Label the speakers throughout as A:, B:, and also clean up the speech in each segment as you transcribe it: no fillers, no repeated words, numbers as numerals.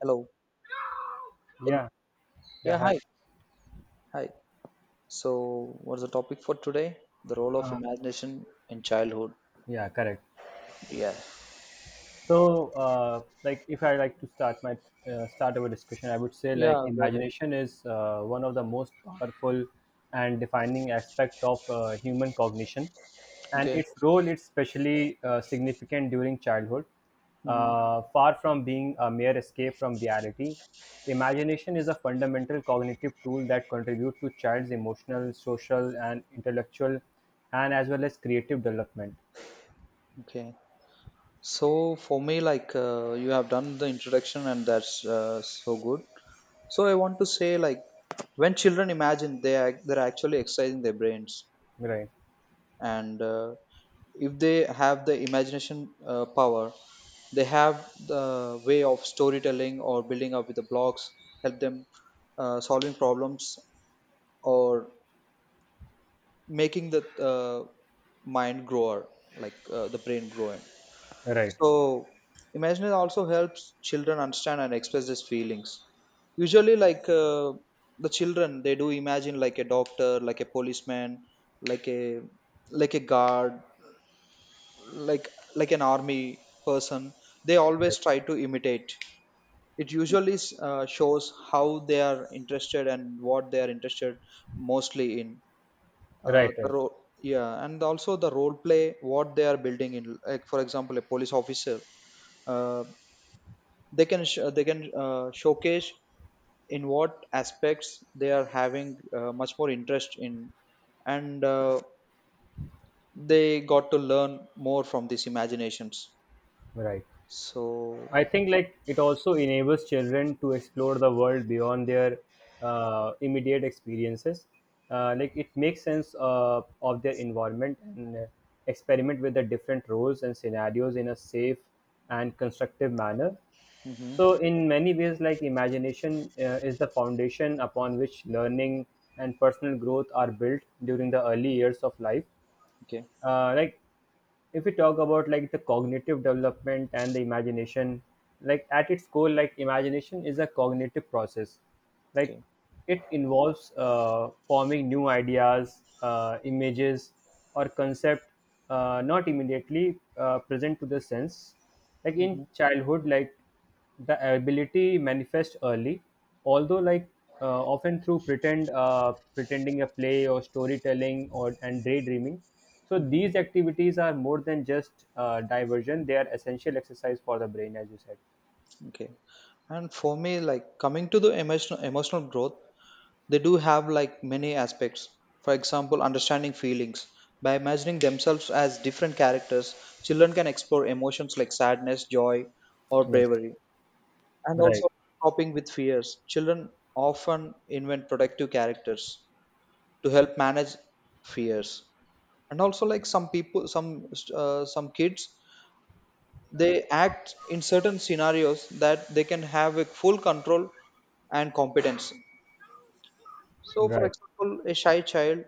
A: Hello. Can you-
B: Yeah, yeah,
A: yeah,
B: hi.
A: hi. Hi. So, what's the topic for today? The role of imagination in childhood.
B: Yeah, correct.
A: Yeah.
B: So, like, if I like to start my start our discussion, I would say like
A: Yeah, go ahead.
B: imagination is one of the most powerful and defining aspect of human cognition, and
A: Okay.
B: its role is especially significant during childhood.
A: Hmm.
B: Far from being a mere escape from reality, imagination is a fundamental cognitive tool that contributes to child's emotional, social, and intellectual, and as well as creative development.
A: Okay. So, for me, like, you have done the introduction, and that's so good. So, I want to say, like, when children imagine, they're actually exercising their brains.
B: Right.
A: And if they have the imagination power, they have the way of storytelling or building up with the blocks, help them solving problems or making the mind grower, like the brain growing.
B: Right,
A: So imagination also helps children understand and express these feelings. Usually like the children, they do imagine like a doctor, like a policeman, like a like a guard, like an army person. They
B: right,
A: always try to imitate. It usually shows how they are interested and what they are interested mostly in.
B: right,
A: The
B: right,
A: role Yeah, and also the role play what they are building in, like for example a police officer, uh, they can they can showcase in what aspects they are having much more interest in. And they got to learn more from these imaginations.
B: right.
A: So
B: I think like it also enables children to explore the world beyond their immediate experiences. Like it makes sense of their environment and experiment with the different roles and scenarios in a safe and constructive manner.
A: mhm.
B: So, in many ways, like imagination is the foundation upon which learning and personal growth are built during the early years of life.
A: Okay,
B: Like if we talk about like the cognitive development and the imagination, like at its core, like imagination is a cognitive process, like
A: okay.
B: it involves forming new ideas, images or concept not immediately present to the sense, like in
A: Hmm.
B: childhood, like the ability manifests early, although like often through pretend pretending a play or storytelling or and daydreaming. So
A: Hmm.
B: these activities are more than just diversion; they are essential exercise for the brain, as you said.
A: Okay. And for me, like coming to the emotional growth, they do have like many aspects. For example, understanding feelings. By imagining themselves as different characters, children can explore emotions like sadness, joy, or
B: Yes,
A: bravery, and
B: right,
A: also coping with fears. Children often invent protective characters to help manage fears. And also, like some people, some kids, they act in certain scenarios that they can have a full control and competence. So, for
B: right,
A: example, a shy child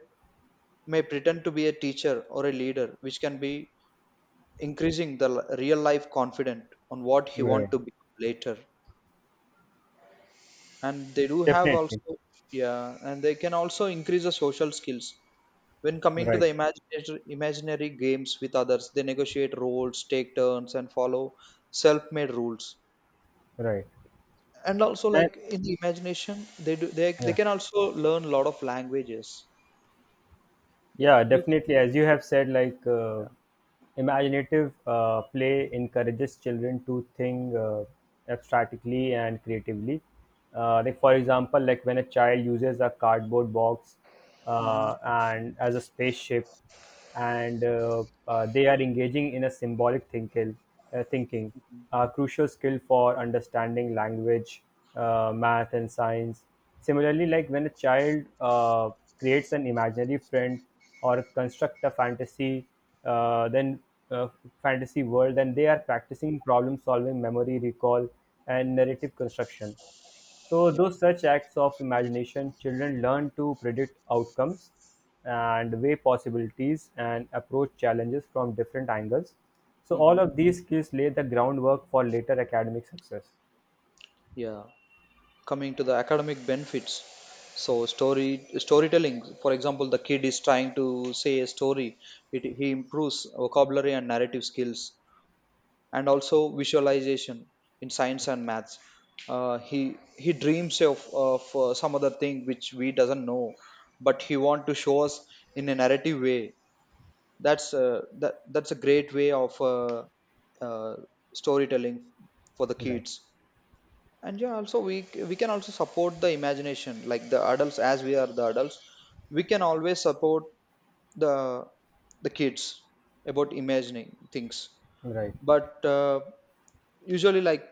A: may pretend to be a teacher or a leader, which can be increasing the real life confident on what he want
B: right.
A: to be later. And they do have
B: Definitely,
A: also, yeah, and they can also increase the social skills. When coming to
B: right,
A: the imaginary games with others, they negotiate roles, take turns, and follow self-made rules.
B: right.
A: And also
B: And
A: like in the imagination they
B: yeah,
A: can also learn a lot of languages. Yeah,
B: yeah,
A: you can.
B: definitely. As you have said, like
A: Yeah.
B: imaginative play encourages children to think abstractly and creatively. Like for example, like when a child uses a cardboard box
A: Mhm,
B: and as a spaceship, and they are engaging in a symbolic thinking,
A: mhm,
B: a crucial skill for understanding language, math, and science. Similarly, like when a child creates an imaginary friend or construct a fantasy, then uh, fantasy world, then they are practicing problem solving, memory recall, and narrative construction. So,
A: yeah,
B: through such acts of imagination, children learn to predict outcomes and weigh possibilities and approach challenges from different angles. So, all
A: mhm.
B: of these skills lay the groundwork for later academic success.
A: Yeah. Coming to the academic benefits, so storytelling, for example the kid is trying to say a story, he improves vocabulary and narrative skills, and also visualization in science and maths. uh, he he dreams of some other thing which we doesn't know, but he want to show us in a narrative way. That's that's a great way of uh, storytelling for the
B: Right,
A: kids. And yeah, also we we can also support the imagination, like the adults, as we are the adults, we can always support the the kids about imagining things.
B: right.
A: But usually like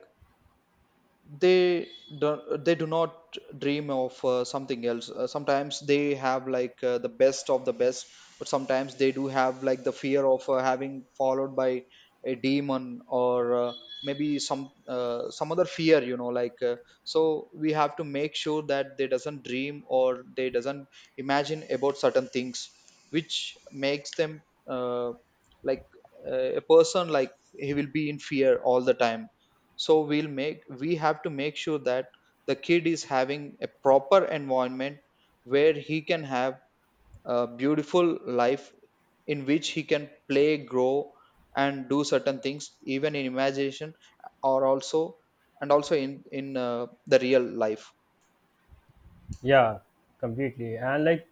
A: they they do not dream of something else. Sometimes they have like the best of the best, but sometimes they do have like the fear of having followed by a demon, or maybe some other fear, you know, like so we have to make sure that they doesn't dream or they doesn't imagine about certain things which makes them uh, like a person like he will be in fear all the time. So we have to make sure that the kid is having a proper environment where he can have a beautiful life in which he can play, grow, and do certain things even in imagination, or also and also in the real life.
B: Yeah, completely. And like,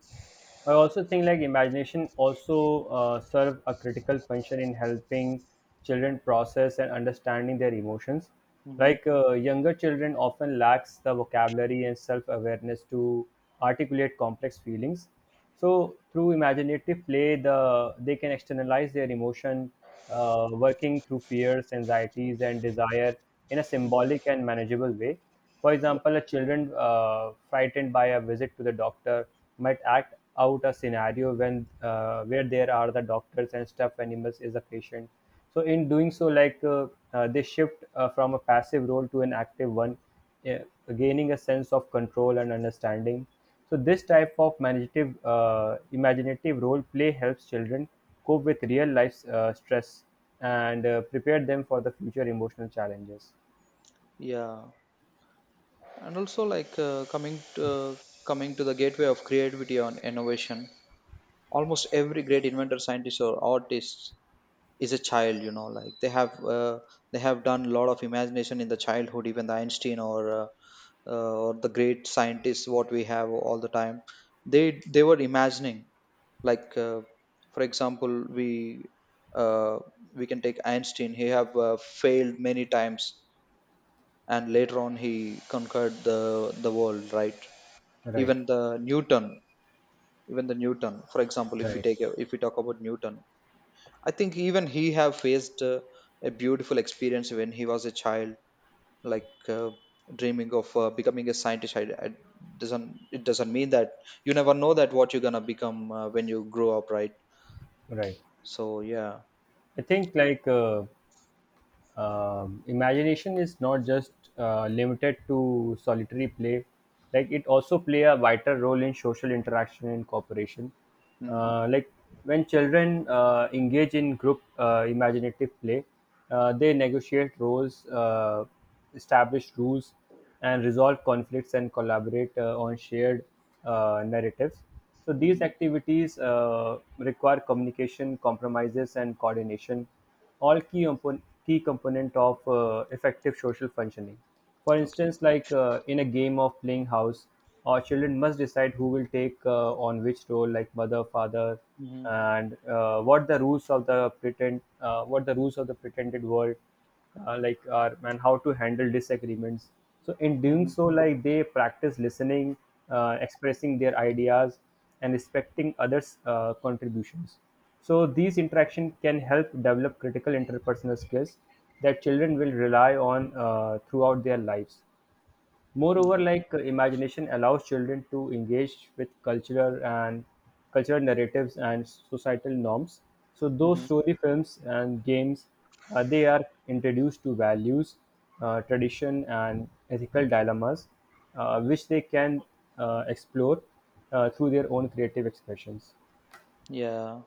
B: I also think like imagination also serve a critical function in helping children process and understanding their emotions.
A: Hmm.
B: Like younger children often lacks the vocabulary and self awareness to articulate complex feelings. So through imaginative play, they can externalize their emotion, working through fears, anxieties, and desire in a symbolic
A: Hmm.
B: and manageable way. For
A: Yeah.
B: example, a children frightened by a visit to the doctor might act out a scenario when where there are the doctors and stuffed animals is a patient. So in doing so, like they shift from a passive role to an active one, yeah, gaining a sense of control and understanding. So this type of imaginative role play helps children cope with real life stress and prepare them for the future emotional challenges.
A: Yeah. And also like coming to the gateway of creativity and innovation, almost every great inventor, scientist, or artist is a child, you know. Like they have done a lot of imagination in the childhood. Even the Einstein, or the great scientists what we have all the time, they were imagining, like for example, we uh, we can take Einstein. He have failed many times, and later on he conquered the world, right?
B: Right,
A: Even the Newton, even the Newton, for example, if we
B: right,
A: if we talk about Newton, I think even he have faced a beautiful experience when he was a child, like dreaming of becoming a scientist. I doesn't it doesn't mean that you never know that what you're gonna become when you grow up, right?
B: right.
A: So yeah.
B: I think like imagination is not just limited to solitary play, like it also play a vital role in social interaction and cooperation,
A: Mm-hmm.
B: like when children engage in group imaginative play, they negotiate roles, establish rules and resolve conflicts and collaborate on shared narratives. So these
A: Hmm.
B: activities require communication, compromises, and coordination, all key component of effective social functioning. For
A: Okay.
B: instance, like in a game of playing house, our children must decide who will take on which role, like mother, father,
A: Hmm.
B: and what the rules of the pretended world like are and how to handle disagreements. So in doing
A: Hmm.
B: so, like they practice listening, expressing their ideas and respecting others contributions. So these interaction can help develop critical interpersonal skills that children will rely on throughout their lives. Moreover,
A: Okay.
B: like imagination allows children to engage with cultural narratives and societal norms. So those
A: Hmm.
B: story films and games, they are introduced to values, tradition, and ethical dilemmas, which they can explore through their own creative expressions.
A: Yeah,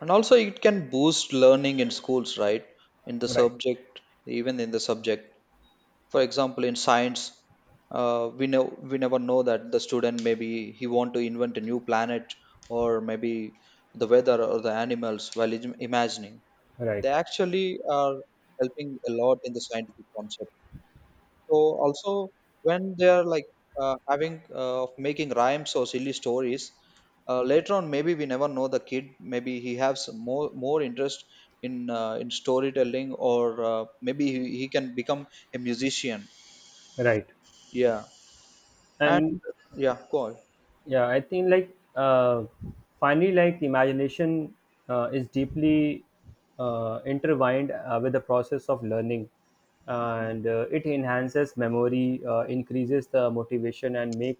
A: and also it can boost learning in schools, right? In the
B: Right.
A: subject, even in the subject, for example in science, uh, we know we never know that the student, maybe he want to invent a new planet, or maybe the weather or the animals. While imagining,
B: Right.
A: they actually are helping a lot in the scientific concept. So also when they are like having of making rhymes or silly stories, later on, maybe we never know, the kid, maybe he has some more more interest in storytelling, or maybe he can become a musician.
B: Right.
A: Yeah.
B: And
A: And yeah, go on.
B: yeah, I think like finally, like imagination is deeply intertwined with the process of learning, and it enhances memory, increases the motivation and make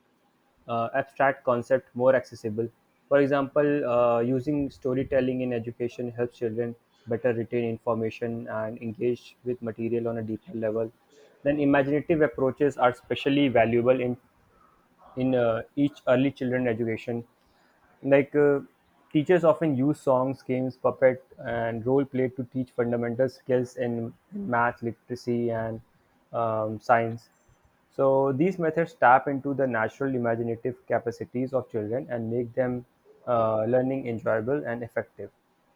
B: abstract concept more accessible. For example, using storytelling in education helps children better retain information and engage with material on a deeper level. Then imaginative approaches are especially valuable in each early children education, like teachers often use songs, games, puppet and role play to teach fundamental skills in math, literacy, and science. So these methods tap into the natural imaginative capacities of children and make them learning enjoyable and effective.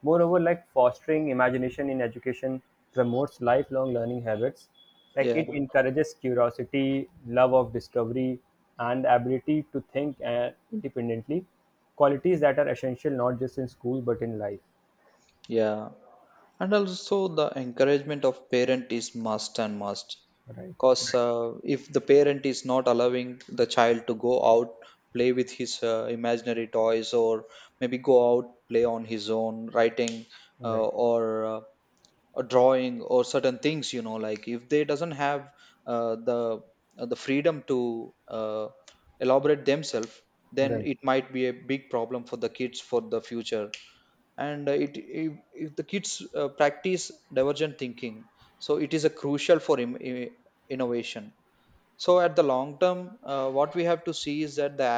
B: Moreover, like fostering imagination in education promotes lifelong learning habits, like
A: Yeah,
B: it encourages curiosity, love of discovery, and ability to think independently, qualities that are essential not just in school but in life.
A: yeah, and also the encouragement of parent is must and must, because if the parent is not allowing the child to go out, play with his imaginary toys, or maybe go out, play on his own, writing
B: Right,
A: or a drawing, or certain things, you know, like if they doesn't have uh, the the freedom to elaborate themselves, then
B: right.
A: it might be a big problem for the kids for the future. And it if the kids practice divergent thinking, so it is a crucial for innovation. So at the long term, what we have to see is that the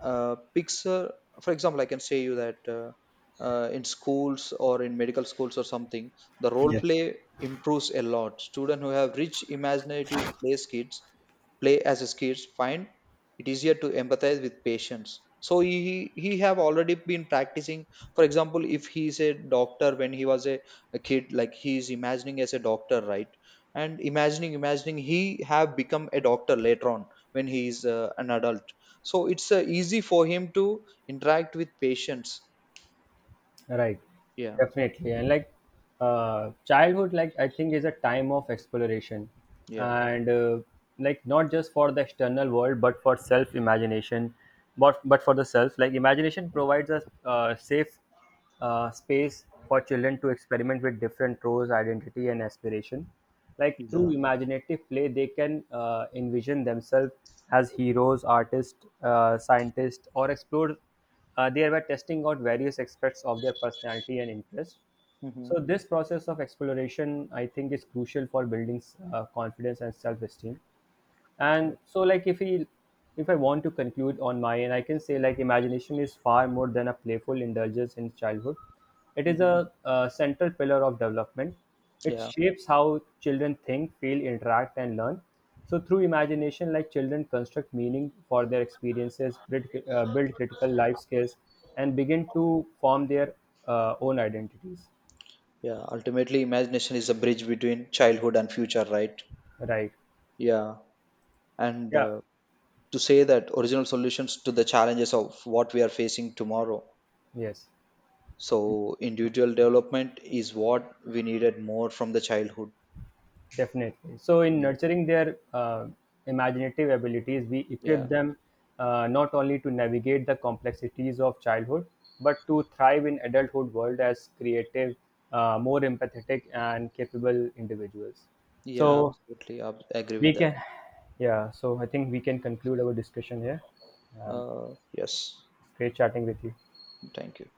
A: picture. For example, I can say you that in schools or in medical schools or something, the role play improves a lot. Students who have rich imaginative play skills, play as a kids, find it easier to empathize with patients. So he have already been practicing. For example, if he's a doctor when he was a kid, like he's imagining as a doctor, right? And imagining he have become a doctor later on when he is an adult. So it's easy for him to interact with patients.
B: Right,
A: Yeah.
B: definitely. And like childhood, like I think is a time of exploration,
A: Yeah.
B: and like not just for the external world, but for self imagination, but for the self. Like imagination provides a safe space for children to experiment with different roles, identity, and aspiration. Like through
A: Yeah.
B: imaginative play, they can envision themselves as heroes, artists, scientists, or explore they were testing out various aspects of their personality and interests.
A: Hmm.
B: So this process of exploration, I think, is crucial for building confidence and self-esteem. And
A: Yeah.
B: so like if I want to conclude on my end, I can say like imagination is far more than a playful indulgence in childhood. It is
A: Hmm.
B: a central pillar of development. It
A: Yeah.
B: shapes how children think, feel, interact and learn. So through imagination, like children construct meaning for their experiences, build critical life skills and begin to form their own identities.
A: Yeah, ultimately imagination is a bridge between childhood and future, right?
B: Right.
A: Yeah. and
B: Yeah.
A: to say that original solutions to the challenges of what we are facing tomorrow,
B: Yes.
A: so individual development is what we needed more from the childhood.
B: Definitely. So, in
A: Yeah.
B: nurturing their imaginative abilities, we equip
A: Yeah.
B: them not only to navigate the complexities of childhood, but to thrive in adulthood world as creative, more empathetic, and capable individuals.
A: Yeah,
B: So
A: absolutely, I agree
B: we
A: with that.
B: can, yeah. So I think we can conclude our discussion here, and
A: uh, yes.
B: it's great chatting with you.
A: Thank you.